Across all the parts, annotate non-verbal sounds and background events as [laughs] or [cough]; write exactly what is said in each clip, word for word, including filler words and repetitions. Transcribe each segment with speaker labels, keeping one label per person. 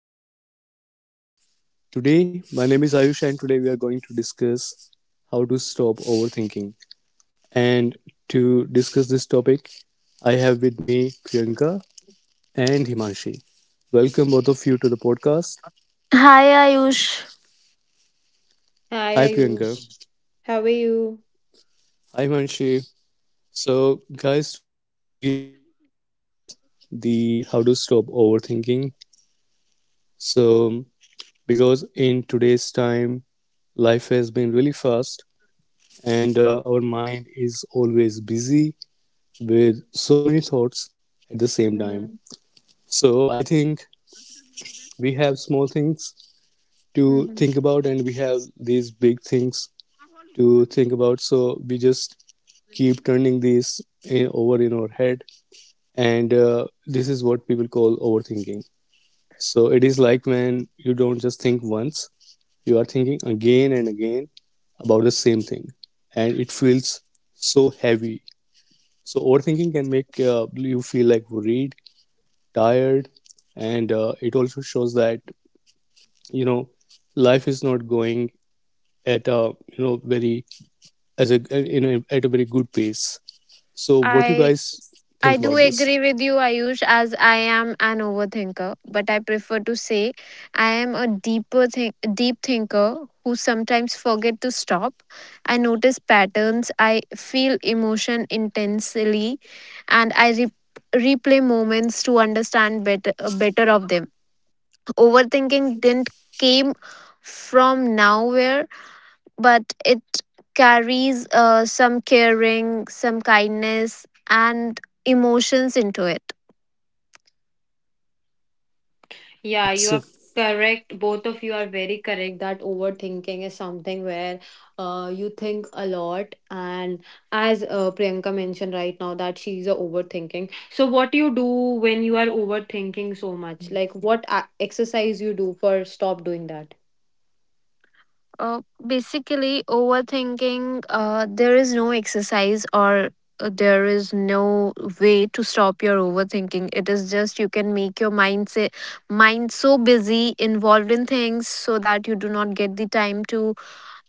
Speaker 1: welcome to the podcast. Today, my name is Ayush, and today we are going to discuss how to stop overthinking. And to discuss this topic, I have with me Priyanka and Himanshi. Welcome both of you to the podcast.
Speaker 2: Hi Ayush.
Speaker 3: Hi
Speaker 1: Hi Priyanka.
Speaker 3: Ayush, how are you?
Speaker 1: Hi Himanshi. So, guys, today we are going to discuss the how to stop overthinking. So, because in today's time, life has been really fast and uh, our mind is always busy with so many thoughts at the same time. So I think we have small things to think about, and we have these big things to think about. So we just keep turning these in, over in our head, and uh, this is what people call overthinking. So it is like when you don't just think once, you are thinking again and again about the same thing, and it feels so heavy. So overthinking can make uh, you feel like worried, tired, and uh, it also shows that you know life is not going at a you know very, as a you know at a very good pace. So what you
Speaker 2: I
Speaker 1: guys
Speaker 2: I
Speaker 1: think
Speaker 2: do
Speaker 1: about this?
Speaker 2: agree with you Ayush as I am an overthinker, but I prefer to say I am a deeper think, deep thinker who sometimes forget to stop. I notice patterns, I feel emotion intensely and I re- replay moments to understand better better of them. Overthinking didn't came from nowhere but it carries uh, some caring, some kindness, and emotions into it.
Speaker 3: Yeah, you
Speaker 1: That's
Speaker 3: are correct. Both of you are very correct that overthinking is something where uh, you think a lot. And as uh, Priyanka mentioned right now, that she's a overthinking. So, what do you do when you are overthinking so much? Like, what a- exercise you do for stop doing that?
Speaker 2: Uh, basically, overthinking, uh, there is no exercise or uh, there is no way to stop your overthinking. It is just you can make your mind, say, mind so busy, involved in things, so that you do not get the time to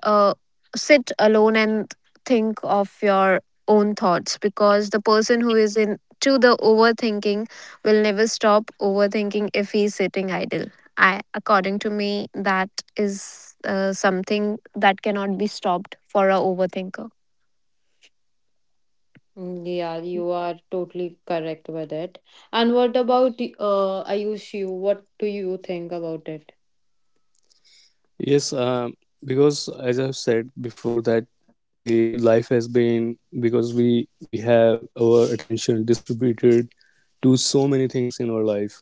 Speaker 2: uh, sit alone and think of your own thoughts, because the person who is in to the overthinking will never stop overthinking if he's sitting idle. I according to me, that is uh, something that cannot be stopped for a overthinker.
Speaker 3: Mm, yeah, you are totally correct with it. And what about uh, Ayush? You, what do you think about it?
Speaker 1: yes. Um, because as I've said before that the life has been, because we we have our attention distributed to so many things in our life,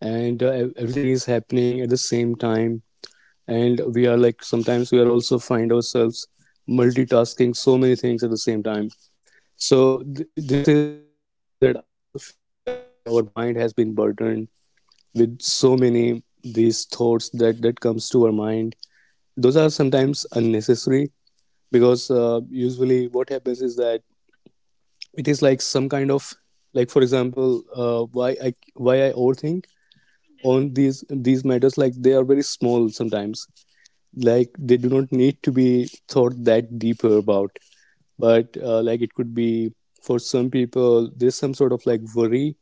Speaker 1: and uh, ev- everything is happening at the same time, and we are like, sometimes we are also find ourselves multitasking so many things at the same time. So th- this is uh, the reason that I also feel that our mind has been burdened with so many these thoughts that that comes to our mind. Those are sometimes unnecessary, because uh, usually what happens is that it is like some kind of, like, for example, uh, why i why i overthink on these these matters. Like, they are very small sometimes, like they do not need to be thought that deeper about, but uh, like it could be, for some people there's some sort of like worry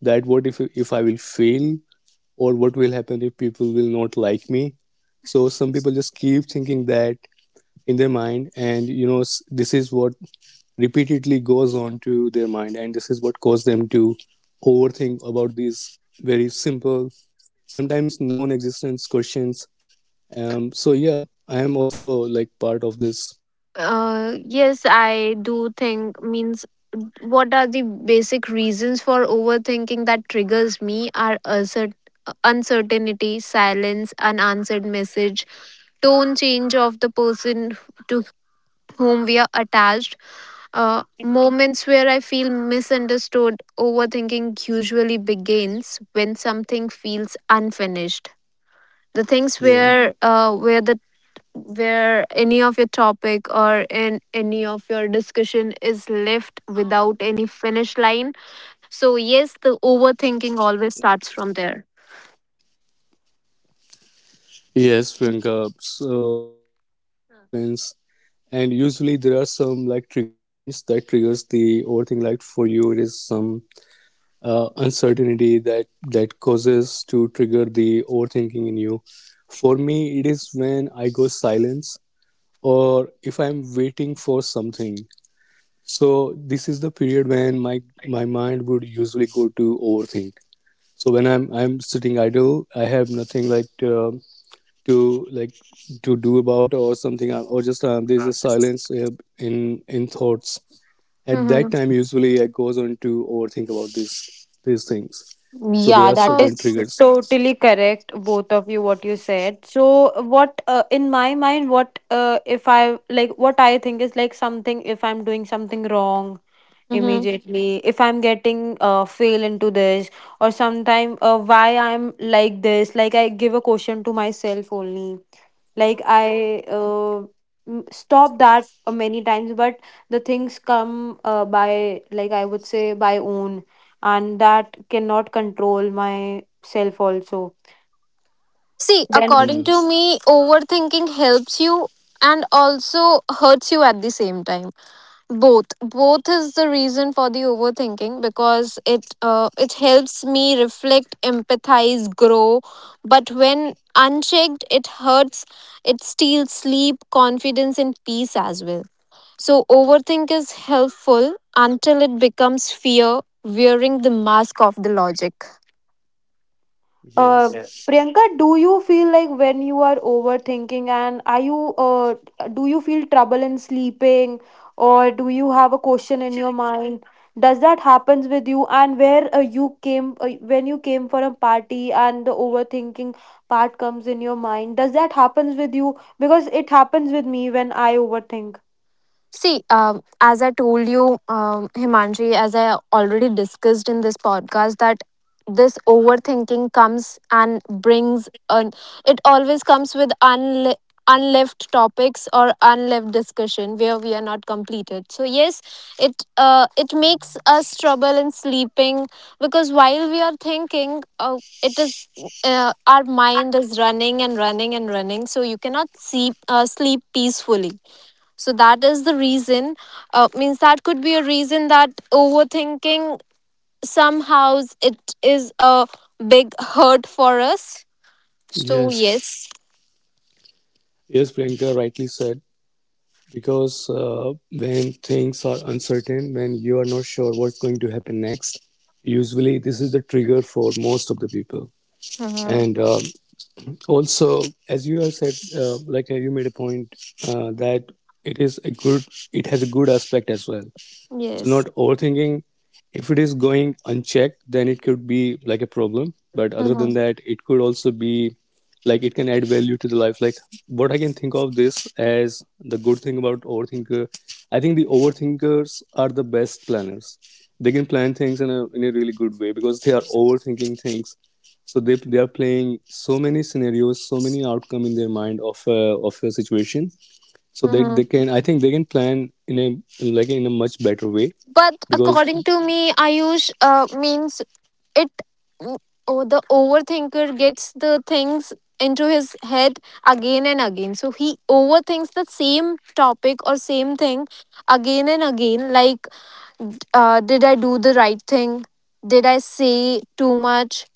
Speaker 1: that what if, if i will fail, or what will happen if people will not like me. So some people just keep thinking that in their mind, and you know this is what repeatedly goes on to their mind, and this is what caused them to overthink about these very simple, sometimes non-existence questions. Um, so yeah, I am also like part of this.
Speaker 2: Uh, yes I do think, means, what are the basic reasons for overthinking that triggers me are assert- uncertainty, silence, unanswered message, tone change of the person to whom we are attached. Uh, moments where I feel misunderstood, overthinking usually begins when something feels unfinished. The things
Speaker 1: Yeah.
Speaker 2: where uh, where the where any of your topic or in any of your discussion is left without any finish line. So yes, the overthinking always starts from there.
Speaker 1: Yes, Priyanka. So this is what happens. And usually there are some like trigger points that triggers the overthink. Like for you, it is some uh, uncertainty that that causes to trigger the overthinking in you. For me, it is when I go silence or if I'm waiting for something. So this is the period when my my mind would usually go to overthink. So when i'm i'm sitting idle, I have nothing like um to like to do about or something, uh, or just um, there's a silence uh, in in thoughts. At that time,
Speaker 2: Mm-hmm.
Speaker 1: usually I goes on to overthink about these these things, so there are
Speaker 3: Yeah,
Speaker 2: Oh.
Speaker 3: that
Speaker 1: certain
Speaker 3: is
Speaker 1: triggers.
Speaker 3: totally correct, both of you, what you said. So, what uh, in my mind, what uh, if I like what I think is like something if I'm doing something wrong
Speaker 2: Mhm.
Speaker 3: immediately if I'm getting uh, fail into this. Or sometime uh, why I'm like this, like I give a question to myself only, like i uh, m- stop that uh, many times, but the things come uh, by, like I would say, by own, and that cannot control myself also
Speaker 2: See, according
Speaker 1: Yeah,
Speaker 3: then.
Speaker 2: to me, overthinking helps you and also hurts you at the same time. Both, both is the reason for the overthinking because it uh, it helps me reflect, empathize, grow. But when unchecked, it hurts. It steals sleep, confidence, and peace as well. So overthink is helpful until it becomes fear, wearing the mask of the logic.
Speaker 3: Uh,
Speaker 1: yes,
Speaker 3: Yeah. Priyanka, do you feel like when you are overthinking, and are you uh, do you feel trouble in sleeping or do you have a question in your mind? Does that happens with you? And where uh, you came uh, when you came for a party and the overthinking part comes in your mind? Does that happens with you? Because it happens with me when I overthink.
Speaker 2: See, um, as I told you, um, Himanji, as I already discussed in this podcast, that this overthinking comes and brings, an, it always comes with unle unleft topics or unleft discussion where we are not completed. So yes, it uh, it makes us trouble in sleeping because while we are thinking, uh, it is uh, our mind is running and running and running, so you cannot sleep uh, sleep peacefully. So that is the reason, uh, means, that could be a reason that overthinking somehow it is a big hurt for us. So
Speaker 1: yes.
Speaker 2: yes.
Speaker 1: Yes, Priyanka rightly said, because uh, when things are uncertain, when you are not sure what's going to happen next, usually this is the trigger for most of the people.
Speaker 2: Mm-hmm.
Speaker 1: And um also, as you have said, uh, like, uh, you made a point uh, that it is a good, it has a good aspect as well. So
Speaker 2: Yes.
Speaker 1: not overthinking. If it is going unchecked, then it could be like a problem. But other
Speaker 2: Mm-hmm.
Speaker 1: than that, it could also be like, it can add value to the life. Like, what I can think of this as the good thing about overthinker. I think the overthinkers are the best planners. They can plan things in a in a really good way, because they are overthinking things. So they they are playing so many scenarios, so many outcome in their mind of a, of a situation. So they they
Speaker 2: Mm-hmm.
Speaker 1: can, I think they can plan in a, like in a much better way,
Speaker 2: But according
Speaker 1: because
Speaker 2: to me Ayush, uh, means, it oh, the overthinker gets the things into his head again and again, so he overthinks the same topic or same thing again and again. Like, uh, did I do the right thing? Did I say too much?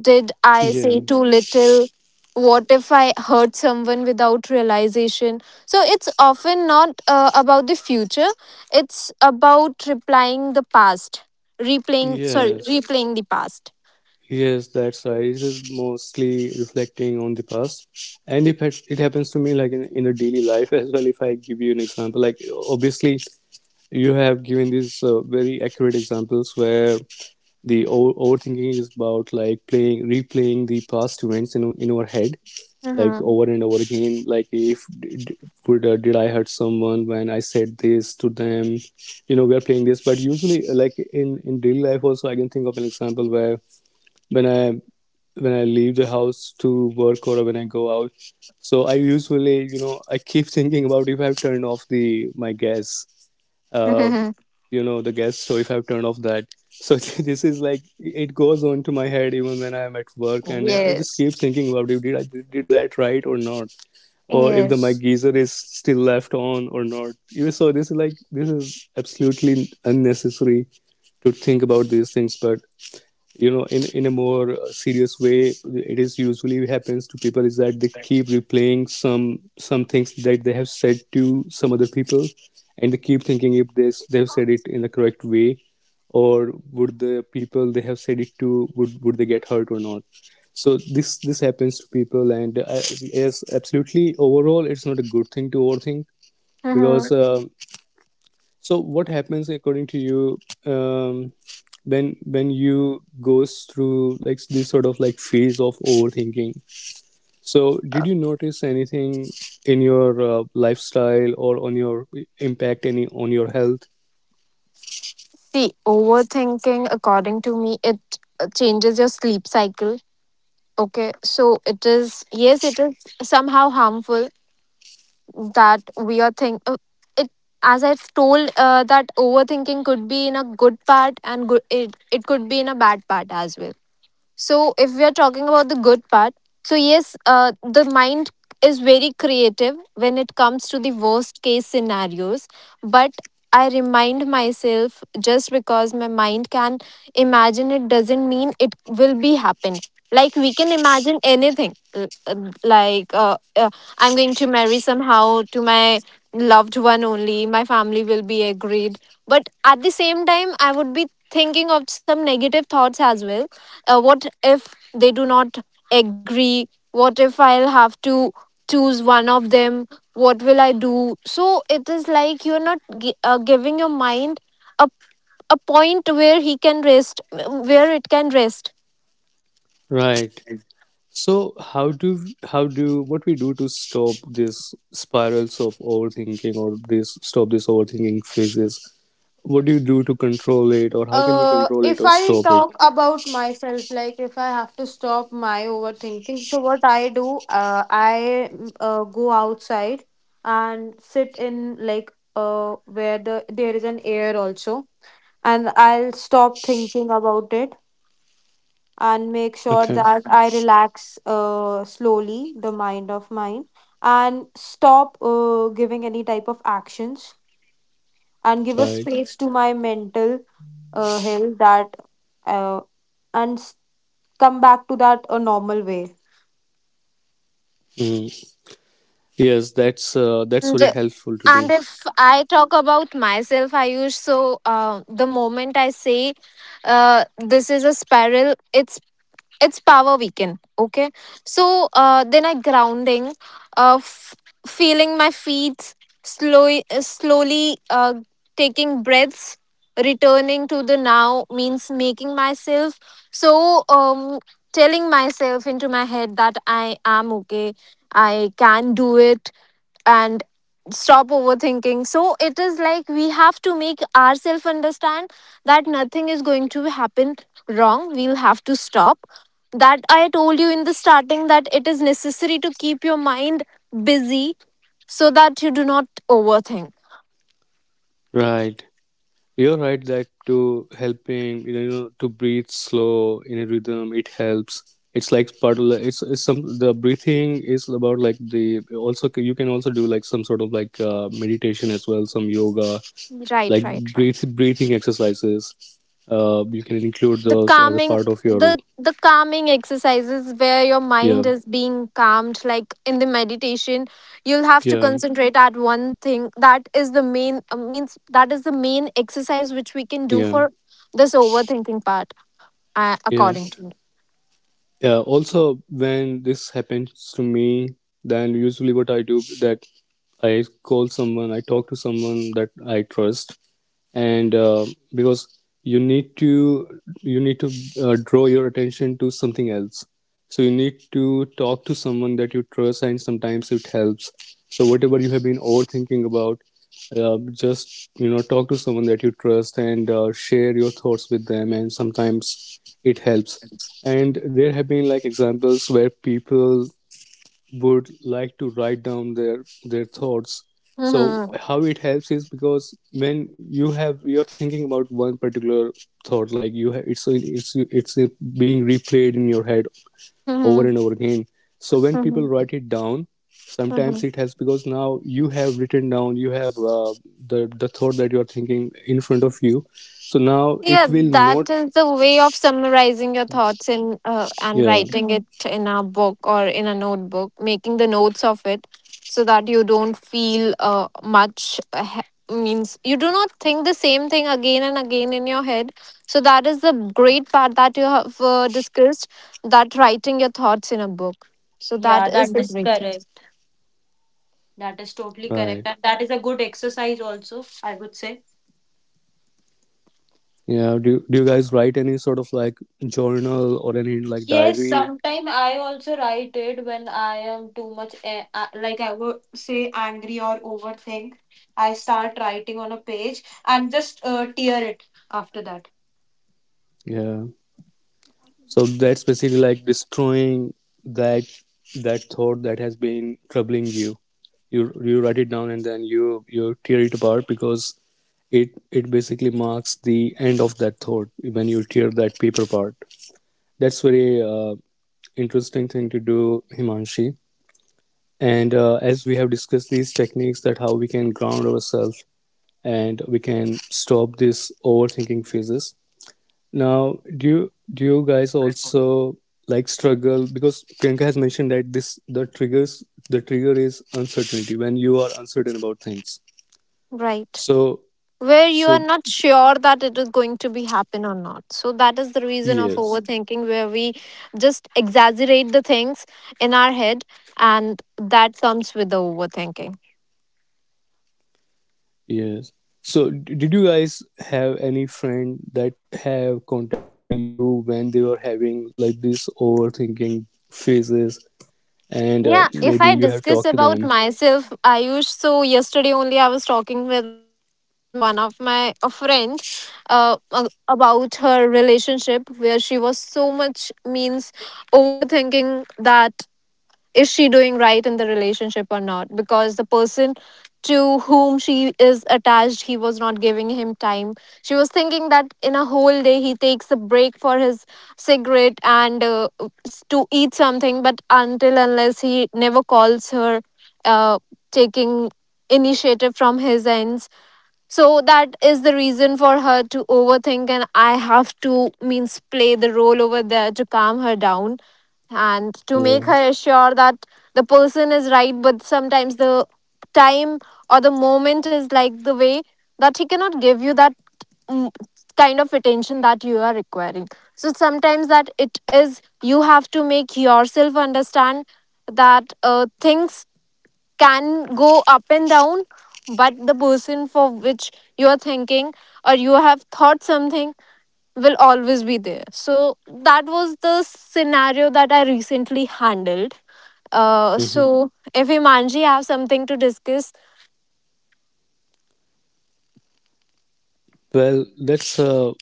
Speaker 2: Did I
Speaker 1: yeah.
Speaker 2: say too little? What if I hurt someone without realization? So it's often not uh, about the future, it's about replying the past, replaying, sorry,
Speaker 1: Yes,
Speaker 2: replaying the past.
Speaker 1: yes, that's right, it is mostly reflecting on the past. And if it, it happens to me like in, in a daily life as well. If I give you an example, like, obviously you have given these uh, very accurate examples where the o- overthinking is about like playing, replaying the past events in, in our head, like
Speaker 2: Mm-hmm. [laughs]
Speaker 1: over and over again, like if did, would, uh, did I hurt someone when I said this to them, you know we are playing this. But usually uh, like in in daily life also I can think of an example where when I, when I leave the house to work, or when I go out, so I usually, you know, I keep thinking about if I've turned off the my gas,
Speaker 2: Mm-hmm.
Speaker 1: uh, you know, the guest. So if I've turned off that, so [laughs] this is like it goes on to my head even when I'm at work, and I just
Speaker 2: Yes.
Speaker 1: keep thinking about it, did I did that right or not, or if the mic
Speaker 2: Yes.
Speaker 1: geyser is still left on or not. You- so this is like, this is absolutely unnecessary to think about these things, but you know, in in a more uh, serious way, it is usually happens to people is that they keep replaying some some things that they have said to some other people, and they keep thinking if they they have said it in the correct way, or would the people they have said it to, would would they get hurt or not. So this this happens to people, and uh, yes, absolutely, overall it's not a good thing to overthink, because
Speaker 2: Mm-hmm.
Speaker 1: uh, so what happens, according to you, um, when when you goes through like this sort of like phase of overthinking? So did you notice anything in your uh, lifestyle, or on your impact any on your health?
Speaker 2: See, overthinking, according to me, it uh, changes your sleep cycle. Okay, so it is, yes, it is somehow harmful that we are think uh, it as I've told, uh, that overthinking could be in a good part and good it, it could be in a bad part as well. So, if we are talking about the good part, so yes, uh, the mind is very creative when it comes to the worst case scenarios. But I remind myself, just because my mind can imagine it doesn't mean it will be happen. Like we can imagine anything. L- uh, Like uh, uh, I'm going to marry somehow to my loved one only. My family will be agreed. But at the same time, I would be thinking of some negative thoughts as well. Uh, what if they do not agree, what if I'll have to choose one of them, what will I do? So it is like you're not gi- uh, giving your mind a, a point where he can rest, where it can rest.
Speaker 1: Right. So how do, how do what we do to stop this spirals of overthinking, or this stop this overthinking phases? What do you do to control it, or how can we
Speaker 3: Uh,
Speaker 1: control it
Speaker 3: if
Speaker 1: or
Speaker 3: I
Speaker 1: stop it?
Speaker 3: talk about myself, like if I have to stop my overthinking, so what I do, uh, I mm, uh, go outside and sit in like uh where the there is an air also, and I'll stop thinking about it and make sure
Speaker 1: Okay.
Speaker 3: that I relax uh slowly the mind of mine and stop uh giving any type of actions and give a
Speaker 1: Right.
Speaker 3: space to my mental uh, hill that uh, and s- come back to that a normal way.
Speaker 1: Mm. Yes, that's uh, that's
Speaker 2: and
Speaker 1: very helpful to do.
Speaker 2: and if I talk about myself Ayush, so uh, the moment I say, uh, this is a spiral, it's it's power weekend, okay. So uh, then I grounding, uh, f- feeling my feet, slowly uh, slowly, uh, taking breaths, returning to the now, means making myself, so um telling myself into my head that I am okay, I can do it, and stop overthinking. So it is like we have to make ourselves understand that nothing is going to happen wrong. We'll have to stop. That I told you in the starting, that it is necessary to keep your mind busy so that you do not overthink.
Speaker 1: Right. You're right that to helping, you know, to breathe slow in a rhythm, it helps. It's like part of the, it's, it's some, the breathing is about like the, also you can also do like some sort of like uh, meditation as well, some yoga,
Speaker 2: Right,
Speaker 1: like
Speaker 2: right, right.
Speaker 1: breathe breathing exercises. Uh, you can include
Speaker 2: the
Speaker 1: those as a
Speaker 2: calming
Speaker 1: part of your
Speaker 2: the the calming exercises where your
Speaker 1: yeah,
Speaker 2: mind is being calmed, like in the meditation, you'll have to
Speaker 1: yeah,
Speaker 2: concentrate at one thing. That is the main, uh, means, that is the main exercise which we can do
Speaker 1: yeah,
Speaker 2: for this overthinking part, uh,
Speaker 1: yeah,
Speaker 2: according to me.
Speaker 1: yeah. Also, when this happens to me, then usually what I do, that I call someone, I talk to someone that I trust, and uh, because you need to, you need to uh, draw your attention to something else. So you need to talk to someone that you trust, and sometimes it helps. So whatever you have been overthinking about, uh, just, you know, talk to someone that you trust, and uh, share your thoughts with them, and sometimes it helps. And there have been like examples where people would like to write down their their thoughts, so
Speaker 2: Hmm.
Speaker 1: how it helps is because when you have, you're thinking about one particular thought, like you have, it's it's it's being replayed in your head over
Speaker 2: Mm-hmm.
Speaker 1: and over again. So when people
Speaker 2: Mm-hmm.
Speaker 1: write it down, sometimes
Speaker 2: Mm-hmm.
Speaker 1: it has, because now you have written down, you have uh, the the thought that you're thinking in front of you. So now
Speaker 2: Yeah,
Speaker 1: it will
Speaker 2: that
Speaker 1: not,
Speaker 2: is a way of summarizing your thoughts in, uh, and
Speaker 1: yeah,
Speaker 2: writing Mhm. it in a book or in a notebook, making the notes of it, so that you don't feel uh, much uh, he- means you do not think the same thing again and again in your head. So that is the great part that you have uh, discussed, that writing your thoughts in a book. So that
Speaker 3: Yeah, that
Speaker 2: is the Yeah.
Speaker 3: is
Speaker 2: great thing.
Speaker 3: correct. That is totally correct.
Speaker 1: right,
Speaker 3: And that is a good exercise also, I would say.
Speaker 1: yeah, do, do you guys write any sort of like journal or any like
Speaker 3: Yes,
Speaker 1: diary?
Speaker 3: sometimes I also write it when I am too much, eh, uh, like I would say, angry or overthink. I start writing on a page and just uh, tear it after that.
Speaker 1: Yeah. So that's basically like destroying that that thought that has been troubling you. You you write it down, and then you you tear it apart, because it it basically marks the end of that thought when you tear that paper part. That's very uh, interesting thing to do, Himanshi. And uh, as we have discussed these techniques, that how we can ground ourselves and we can stop this overthinking phases. Now, do you, do you guys also like struggle, because Priyanka has mentioned that this, the triggers, the trigger is uncertainty, when you are uncertain about things.
Speaker 2: Right.
Speaker 1: So,
Speaker 2: Where you are
Speaker 1: so
Speaker 2: not sure that it is going to be happen or not, so that is the reason of
Speaker 1: yes,
Speaker 2: overthinking, where we just exaggerate the things in our head and that comes with the overthinking.
Speaker 1: yes. So d- did you guys have any friend that have contacted you when they were having like this overthinking phases, and
Speaker 2: Yeah,
Speaker 1: uh,
Speaker 2: if I
Speaker 1: maybe you have
Speaker 2: discuss
Speaker 1: talked to
Speaker 2: about
Speaker 1: them?
Speaker 2: myself Ayush, so yesterday only I was talking with my one of my a friend uh, a- about her relationship, where she was so much, means, overthinking that is she doing right in the relationship or not, because the person to whom she is attached, he was not giving him time. She was thinking that in a whole day he takes a break for his cigarette and, uh, to eat something, but until unless he never calls her, uh, taking initiative from his ends. So that is the reason for her to overthink, and I have to, means, play the role over there to calm her down and to make
Speaker 1: Yeah.
Speaker 2: her assure that the person is right, but sometimes the time or the moment is like the way that he cannot give you that mm, kind of attention that you are requiring. So sometimes that it is you have to make yourself understand that, uh, things can go up and down, but the person for which you are thinking or you have thought something will always be there. So that was the scenario that I recently handled. Uh, so if Imanji have something to discuss,
Speaker 1: Well, that's a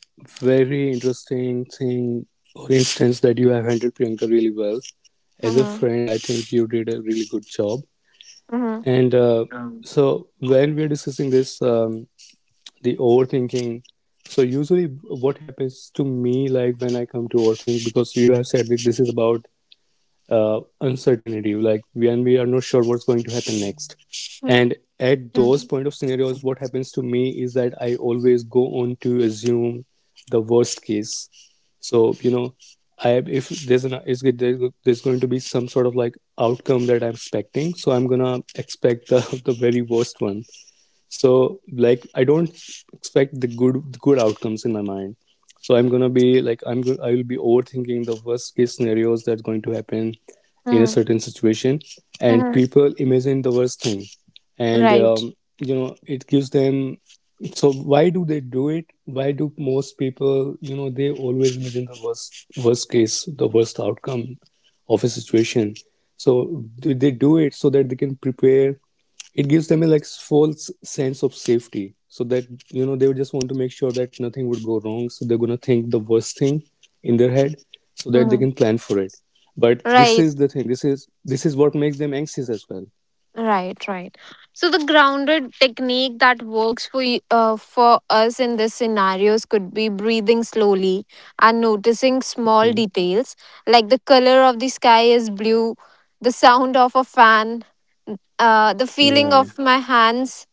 Speaker 1: very interesting thing or instance that you have handled, Priyanka, really well. As a
Speaker 2: mm-hmm,
Speaker 1: friend, I think you did a really good job.
Speaker 2: mm-hmm,
Speaker 1: And uh, so when we're discussing this, um, the overthinking. So usually, what happens to me, like when I come to overthink, because you have said that this is about uh, uncertainty, like when we are not sure what's going to happen next. And
Speaker 2: mm-hmm,
Speaker 1: at those point of scenarios, what happens to me is that I always go on to assume the worst case. So you know, I if there's an is there's going to be some sort of like outcome that I'm expecting, so I'm gonna expect the, [laughs] the very worst one. So like I don't expect the good the good outcomes in my mind. So I'm gonna be like i'm go- I will be overthinking the worst case scenarios that's going to happen in a
Speaker 2: mm-hmm,
Speaker 1: certain situation. And
Speaker 2: mm-hmm.
Speaker 1: people imagine the worst thing. And
Speaker 2: Right,
Speaker 1: um, you know, it gives them, so why do they do it? Why do most people, you know, they always imagine the worst worst case, the worst outcome of a situation? So do they do it so that they can prepare? It gives them a like false sense of safety, so that, you know, they would just want to make sure that nothing would go wrong, so they're going to think the worst thing in their head so that they
Speaker 2: mm-hmm.
Speaker 1: can plan for it. But this
Speaker 2: Right,
Speaker 1: is the thing, this is this is what makes them anxious as well.
Speaker 2: right, right. So the grounded technique that works for you, uh, for us in these scenarios, could be breathing slowly and noticing small
Speaker 1: Hmm.
Speaker 2: details, like the color of the sky is blue, the sound of a fan, uh, the feeling
Speaker 1: Yeah.
Speaker 2: of my hands.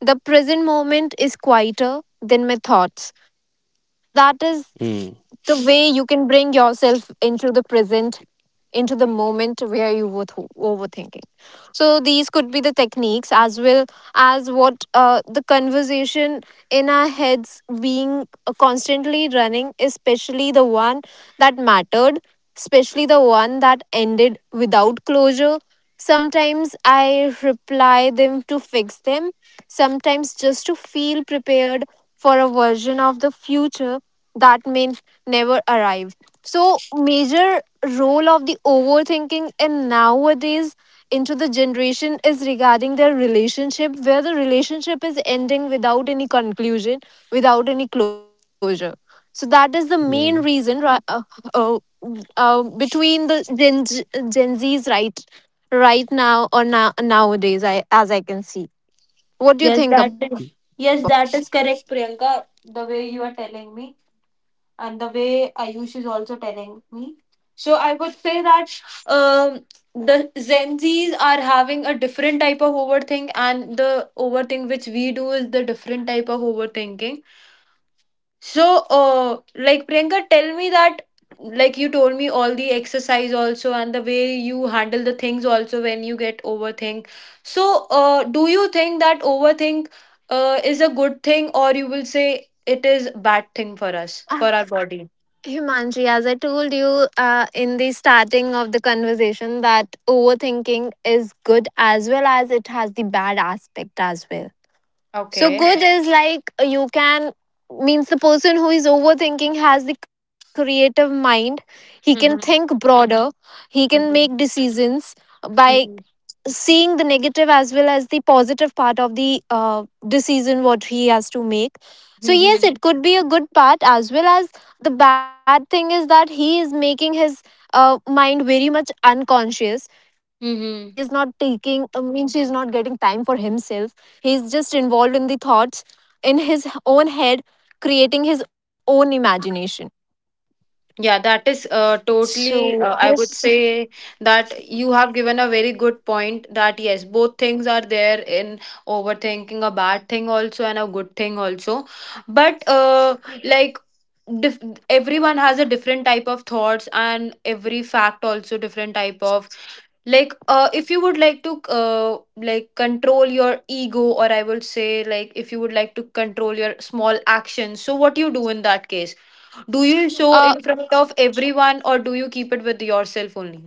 Speaker 2: The present moment is quieter than my thoughts. So, that is
Speaker 1: Hmm.
Speaker 2: the way you can bring yourself into the present, into the moment where you were th- overthinking. So these could be the techniques as well, as what uh, the conversation in our heads being uh, constantly running, especially the one that mattered, especially the one that ended without closure. Sometimes I reply them to fix them, sometimes just to feel prepared for a version of the future that may never arrive. So major role of the overthinking in nowadays into the generation is regarding their relationship, where the relationship is ending without any conclusion, without any closure. So that is the main reason
Speaker 1: Yeah,
Speaker 2: ri- uh, uh, uh, between the Gen, Gen Zs right right now or now, nowadays, I, as I can see. What do you
Speaker 3: Yes,
Speaker 2: think
Speaker 3: that
Speaker 2: about
Speaker 3: is.
Speaker 2: it?
Speaker 3: Yes, that is correct, Priyanka. The way you are telling me, and the way Ayush is also telling me. So I would say that um, the Gen Zs are having a different type of overthink, and the overthink which we do is the different type of overthinking. So, uh, like Priyanka, tell me that, like you told me, all the exercise also and the way you handle the things also when you get overthink. So, uh, do you think that overthink uh, is a good thing, or you will say it is bad thing for us, for our
Speaker 2: [laughs]
Speaker 3: body?
Speaker 2: Himanji, as I told you uh, in the starting of the conversation, that overthinking is good as well as it has the bad aspect as well. So
Speaker 3: Okay.
Speaker 2: good is like you can, means, the person who is overthinking has the creative mind. He can think
Speaker 3: Mhm,
Speaker 2: broader. He can make
Speaker 3: mhm,
Speaker 2: decisions by
Speaker 3: mhm,
Speaker 2: seeing the negative as well as the positive part of the uh, decision what he has to make. So yes,
Speaker 3: mhm,
Speaker 2: it could be a good part as well as the bad thing is that he is making his uh, mind very much unconscious. He is not
Speaker 3: mhm.
Speaker 2: taking, I mean, she is not getting time for himself. He is just involved in the thoughts in his own head, creating his own imagination.
Speaker 3: Yeah, that is uh,
Speaker 2: So
Speaker 3: totally,
Speaker 2: yes.
Speaker 3: uh, I would say that you have given a very good point that yes, both things are there in overthinking, a bad thing also and a good thing also. But uh, like dif everyone has a different type of thoughts, and every fact also different type of, like uh if you would like to uh like control your ego, or I would say, like if you would like to control your small actions, so what you do in that case? Do you
Speaker 2: uh,
Speaker 3: show in front of everyone, or do you keep it with yourself only?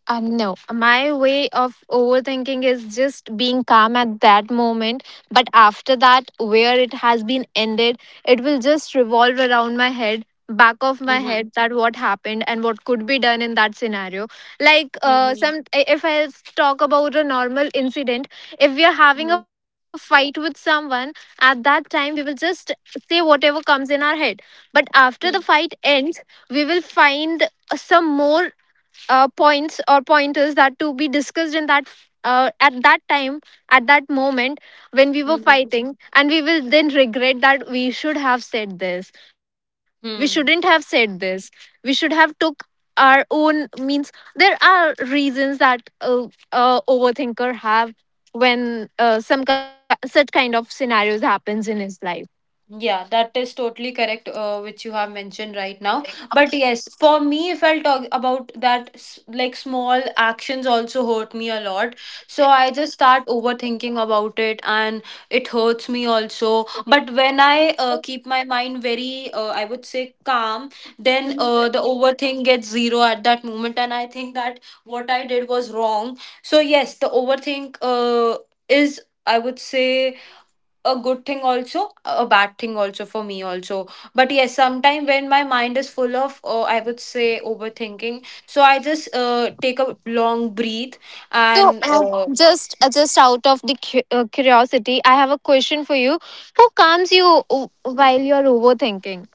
Speaker 2: Uh, no, my way of overthinking is just being calm at that moment. But after that, where it has been ended, it will just revolve around my head, back of my
Speaker 3: Mm-hmm.
Speaker 2: head, that what happened and what could be done in that scenario. Like, uh,
Speaker 3: Mm-hmm.
Speaker 2: some if I talk about a normal incident, if we are having a fight with someone, at that time we will just say whatever comes in our head. But after the fight ends, we will find some more uh, points or pointers that to be discussed in that uh, at that time, at that moment when we were
Speaker 3: Mm-hmm.
Speaker 2: fighting, and we will then regret that we should have said this, we shouldn't have said
Speaker 3: Hmm.
Speaker 2: this, we should have took our own. Means there are reasons that uh, uh, overthinker have when uh, some ki- such kind of scenarios happens in his life.
Speaker 3: Yeah, that is totally correct, uh, which you have mentioned right now. But yes, for me, if I'll talk about that, s- like small actions also hurt me a lot. So I just start overthinking about it, and it hurts me also. But when I uh, keep my mind very, uh, I would say, calm, then uh, the overthink gets zero at that moment. And I think that what I did was wrong. So yes, the overthink uh, is, I would say, a good thing also, a bad thing also for me also. But yes, sometimes when my mind is full of uh, I would say overthinking, so I just uh, take a long breathe.
Speaker 2: So,
Speaker 3: And
Speaker 2: uh,
Speaker 3: uh,
Speaker 2: just uh, just out of the cu- uh, curiosity, I have a question for you. Who calms you o- while you're overthinking?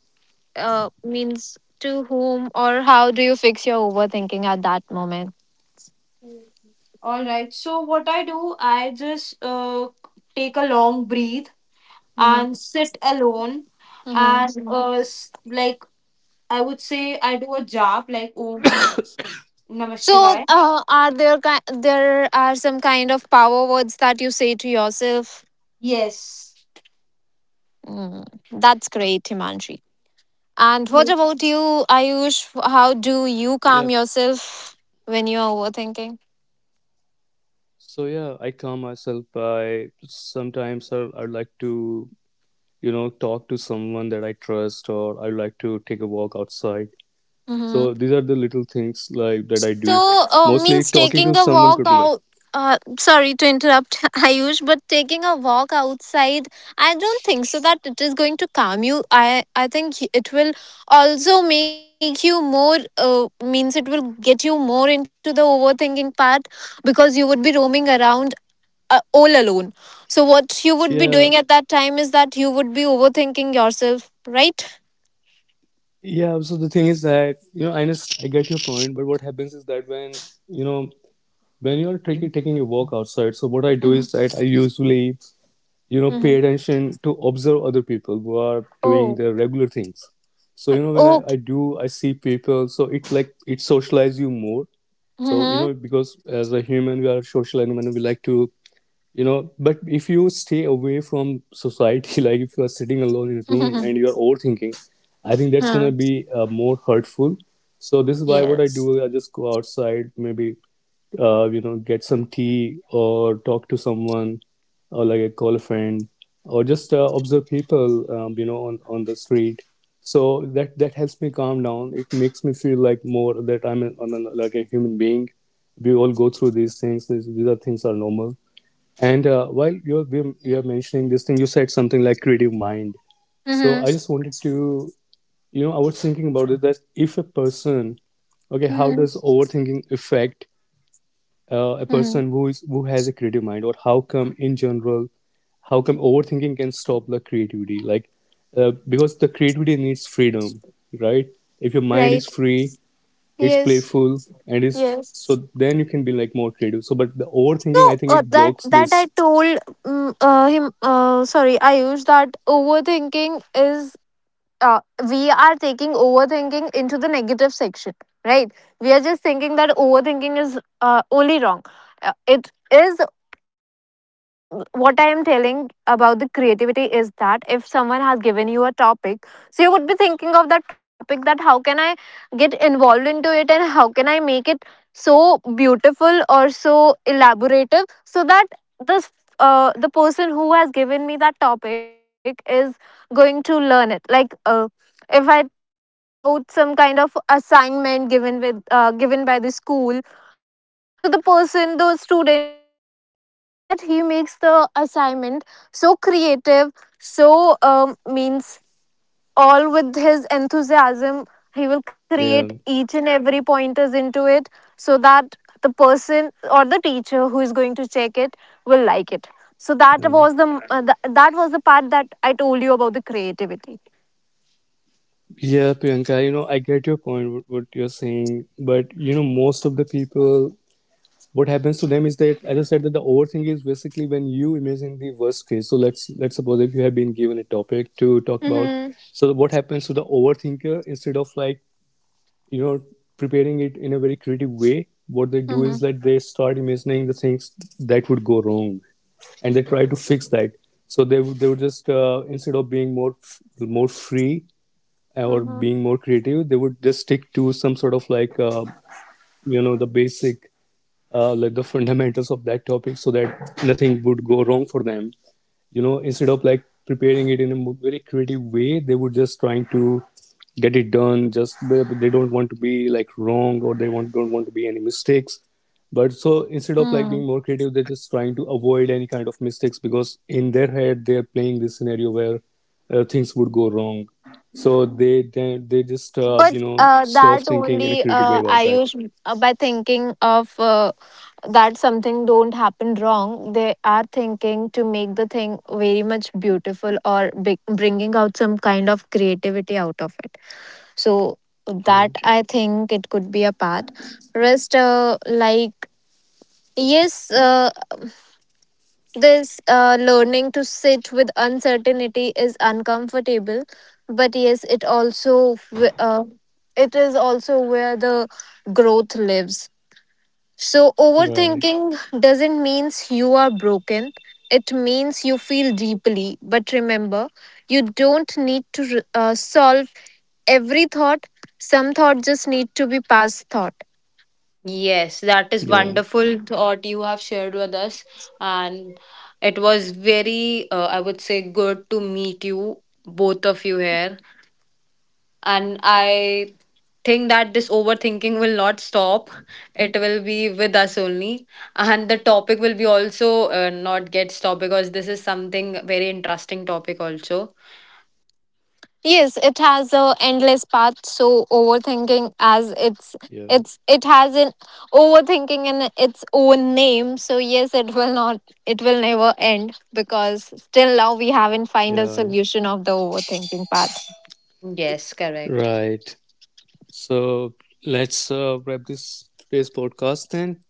Speaker 2: Uh, means to whom or how do you fix your overthinking at that moment?
Speaker 3: all right, so what I do, I just uh, take a long breathe
Speaker 2: Hmm.
Speaker 3: and sit alone
Speaker 2: Hmm.
Speaker 3: and Mhm. uh, s- like I would say, I do a job like om namah
Speaker 2: So,
Speaker 3: shivaya.
Speaker 2: uh, are there ki- there are some kind of power words that you say to yourself?
Speaker 3: Yes.
Speaker 2: Mm, that's great, Himanshi. And what about you, Ayush? How do you calm
Speaker 1: yeah.
Speaker 2: yourself when you're overthinking?
Speaker 1: So yeah, I calm myself by sometimes I, I like to, you know, talk to someone that I trust, or I like to take a walk outside.
Speaker 2: Mm-hmm.
Speaker 1: So these are the little things like that I do.
Speaker 2: So, uh, means
Speaker 1: Mostly
Speaker 2: taking a
Speaker 1: talking to
Speaker 2: walk
Speaker 1: someone could be
Speaker 2: out.
Speaker 1: like,
Speaker 2: Uh, sorry to interrupt, [laughs] Ayush, but taking a walk outside, I don't think so that it is going to calm you. I I think it will also make you more. Uh, means it will get you more into the overthinking part because you would be roaming around uh, all alone. So what you would be doing at
Speaker 1: yeah,
Speaker 2: that time is that you would be overthinking yourself, right?
Speaker 1: yeah. So the thing is that, you know, I just, I get your point, but what happens is that when, you know, when you are taking taking a walk outside, so what I do is that I usually, you know,
Speaker 2: Mm-hmm.
Speaker 1: pay attention to observe other people who are
Speaker 2: Oh,
Speaker 1: doing their regular things.
Speaker 2: I-
Speaker 1: So you know, when
Speaker 2: okay.
Speaker 1: I, I do I see people, so it's like it socialize you more. So
Speaker 2: Mm-hmm.
Speaker 1: you know, because as a human we are a social animal, and we like to, you know, but if you stay away from society [laughs] like if you are sitting alone in a room and
Speaker 2: [laughs]
Speaker 1: you are overthinking, I think that's going to be uh, more hurtful. So this is why what I
Speaker 2: Yes.
Speaker 1: do, I just go outside, maybe uh, you know, get some tea, or talk to someone, or like a call a friend, or just uh, observe people um, you know, on, on the street. So that that helps me calm down. It makes me feel like more that I'm a, on a, like a human being. We all go through these things, these, these are things are normal. And uh, while you're you're mentioning this thing, you said something like creative mind.
Speaker 2: Mm-hmm.
Speaker 1: So I just wanted to, you know, I was thinking about it that if a person, okay,
Speaker 2: Mm-hmm.
Speaker 1: how does overthinking affect
Speaker 2: Mm-hmm.
Speaker 1: uh, a person who is who has a creative mind, or how come in general, how come overthinking can stop the creativity? Like, uh, because the creativity needs freedom, right? If your
Speaker 2: Right.
Speaker 1: mind is free, it's
Speaker 2: Yes.
Speaker 1: playful, and it's
Speaker 2: Yes.
Speaker 1: so then you can be like more creative. So, but the
Speaker 2: So
Speaker 1: overthinking, I
Speaker 2: uh,
Speaker 1: think it
Speaker 2: that
Speaker 1: blocks
Speaker 2: that I
Speaker 1: this.
Speaker 2: told mm uh, him. Uh, sorry, I used that overthinking is uh, we are taking overthinking into the negative section, right? We are just thinking that overthinking is uh, only wrong. Uh, it is what I am telling about the creativity is that if someone has given you a topic, so you would be thinking of that topic that how can I get involved into it and how can I make it so beautiful or so elaborative so that this uh, the person who has given me that topic is going to learn it. Like uh, if I talk about some kind of assignment given with uh, given by the school, so the person, the student, will make sure that he makes the assignment so creative, so um, means all with his enthusiasm. He will create
Speaker 1: Yeah.
Speaker 2: each and every pointers into it so that the person or the teacher who is going to check it will like it. So that
Speaker 1: Um,
Speaker 2: was the uh, th- that was the part that I told you about the creativity.
Speaker 1: yeah, Priyanka, you know, I get your point, what, what you're saying, but you know, most of the people, what happens to them is that, as I said, that the overthink is basically when you imagine the worst case. So let's let's suppose if you have been given a topic to talk about,
Speaker 2: Mm-hmm.
Speaker 1: so what happens to the overthinker, instead of like, you know, preparing it in a very creative way, what they do is that they start imagining the things that would go wrong, and they try to fix that. So they would- they would just uh, instead of being more f- more free, or being
Speaker 2: Mm-hmm.
Speaker 1: more creative, they would just stick to some sort of like uh, you know, the basic uh, like the fundamentals of that topic so that nothing would go wrong for them. You know, instead of like preparing it in a mo- very creative way, they would just trying to get it done. Just they they don't want to be like wrong, or they want, don't want to be any mistakes. But so
Speaker 2: Hmm.
Speaker 1: instead of like being more creative, they're just trying to avoid any kind of mistakes, because in their head they're playing this scenario where uh, things would go wrong. So they they, they just uh,
Speaker 2: But
Speaker 1: you know,
Speaker 2: uh, that
Speaker 1: stop thinking in a
Speaker 2: only
Speaker 1: creative
Speaker 2: uh,
Speaker 1: way about that.
Speaker 2: Ayush, uh, by thinking of uh, that something don't happen wrong. They are thinking to make the thing very much beautiful or big, bringing out some kind of creativity out of it. So that
Speaker 1: Yeah.
Speaker 2: I think it could be a part. Rest, uh, like yes, uh, this uh, learning to sit with uncertainty is uncomfortable, but yes, it also w- uh, it is also where the growth lives. So
Speaker 1: Right.
Speaker 2: overthinking doesn't means you are broken, it means you feel deeply. But remember, you don't need to re- uh, solve every thought. Some thought just need to be past thought.
Speaker 3: Yes, that is
Speaker 1: Yeah.
Speaker 3: wonderful thought you have shared with us. And it was very, uh, I would say, good to meet you, both of you here. And I think that this overthinking will not stop, it will be with us only. And the topic will be also uh, not get stopped, because this is something very interesting topic, also.
Speaker 2: Yes, it has a endless path. So overthinking, as it's
Speaker 1: Yeah,
Speaker 2: it's it has an overthinking in its own name. So yes, it will not, it will never end because still now we haven't find a
Speaker 1: yeah,
Speaker 2: solution of the overthinking part.
Speaker 3: Yes, correct.
Speaker 1: right. So let's uh, wrap this today's podcast then.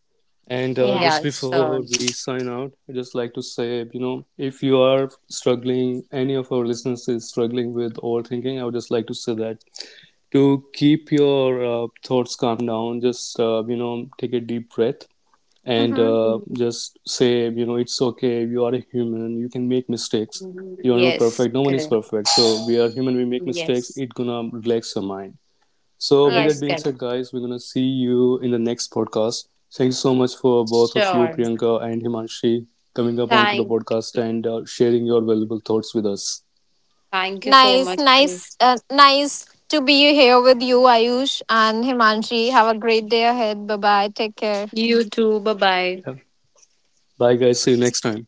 Speaker 1: And uh,
Speaker 2: Yeah.
Speaker 1: just
Speaker 3: Yes,
Speaker 1: before
Speaker 3: sure.
Speaker 1: we sign out, I just like to say, you know, if you are struggling, any of our listeners is struggling with overthinking, I would just like to say that to keep your uh, thoughts calm down, just uh, you know, take a deep breath, and
Speaker 2: Mm-hmm.
Speaker 1: uh, just say, you know, it's okay, you are a human, you can make mistakes, you are not
Speaker 3: Yes,
Speaker 1: perfect, no one is
Speaker 3: correct.
Speaker 1: perfect, so we are human, we make mistakes,
Speaker 3: Yes,
Speaker 1: it gonna relax your mind. So with
Speaker 2: Right.
Speaker 1: that
Speaker 3: yes,
Speaker 1: being
Speaker 3: correct.
Speaker 1: said, guys, we're gonna see you in the next podcast. Thank you so much, for both of you,
Speaker 3: Sure.
Speaker 1: Priyanka and Himanshi, coming up onto the
Speaker 3: Thank
Speaker 1: podcast
Speaker 3: you.
Speaker 1: and uh, sharing your valuable thoughts with us.
Speaker 3: Thank you so
Speaker 2: Nice,
Speaker 3: much.
Speaker 2: nice,
Speaker 3: Faith.
Speaker 2: uh, nice to be here with you, Ayush and Himanshi. Have a great day ahead. Bye bye. Take care.
Speaker 3: You too. Bye bye.
Speaker 1: Yeah. Bye guys, see you next time.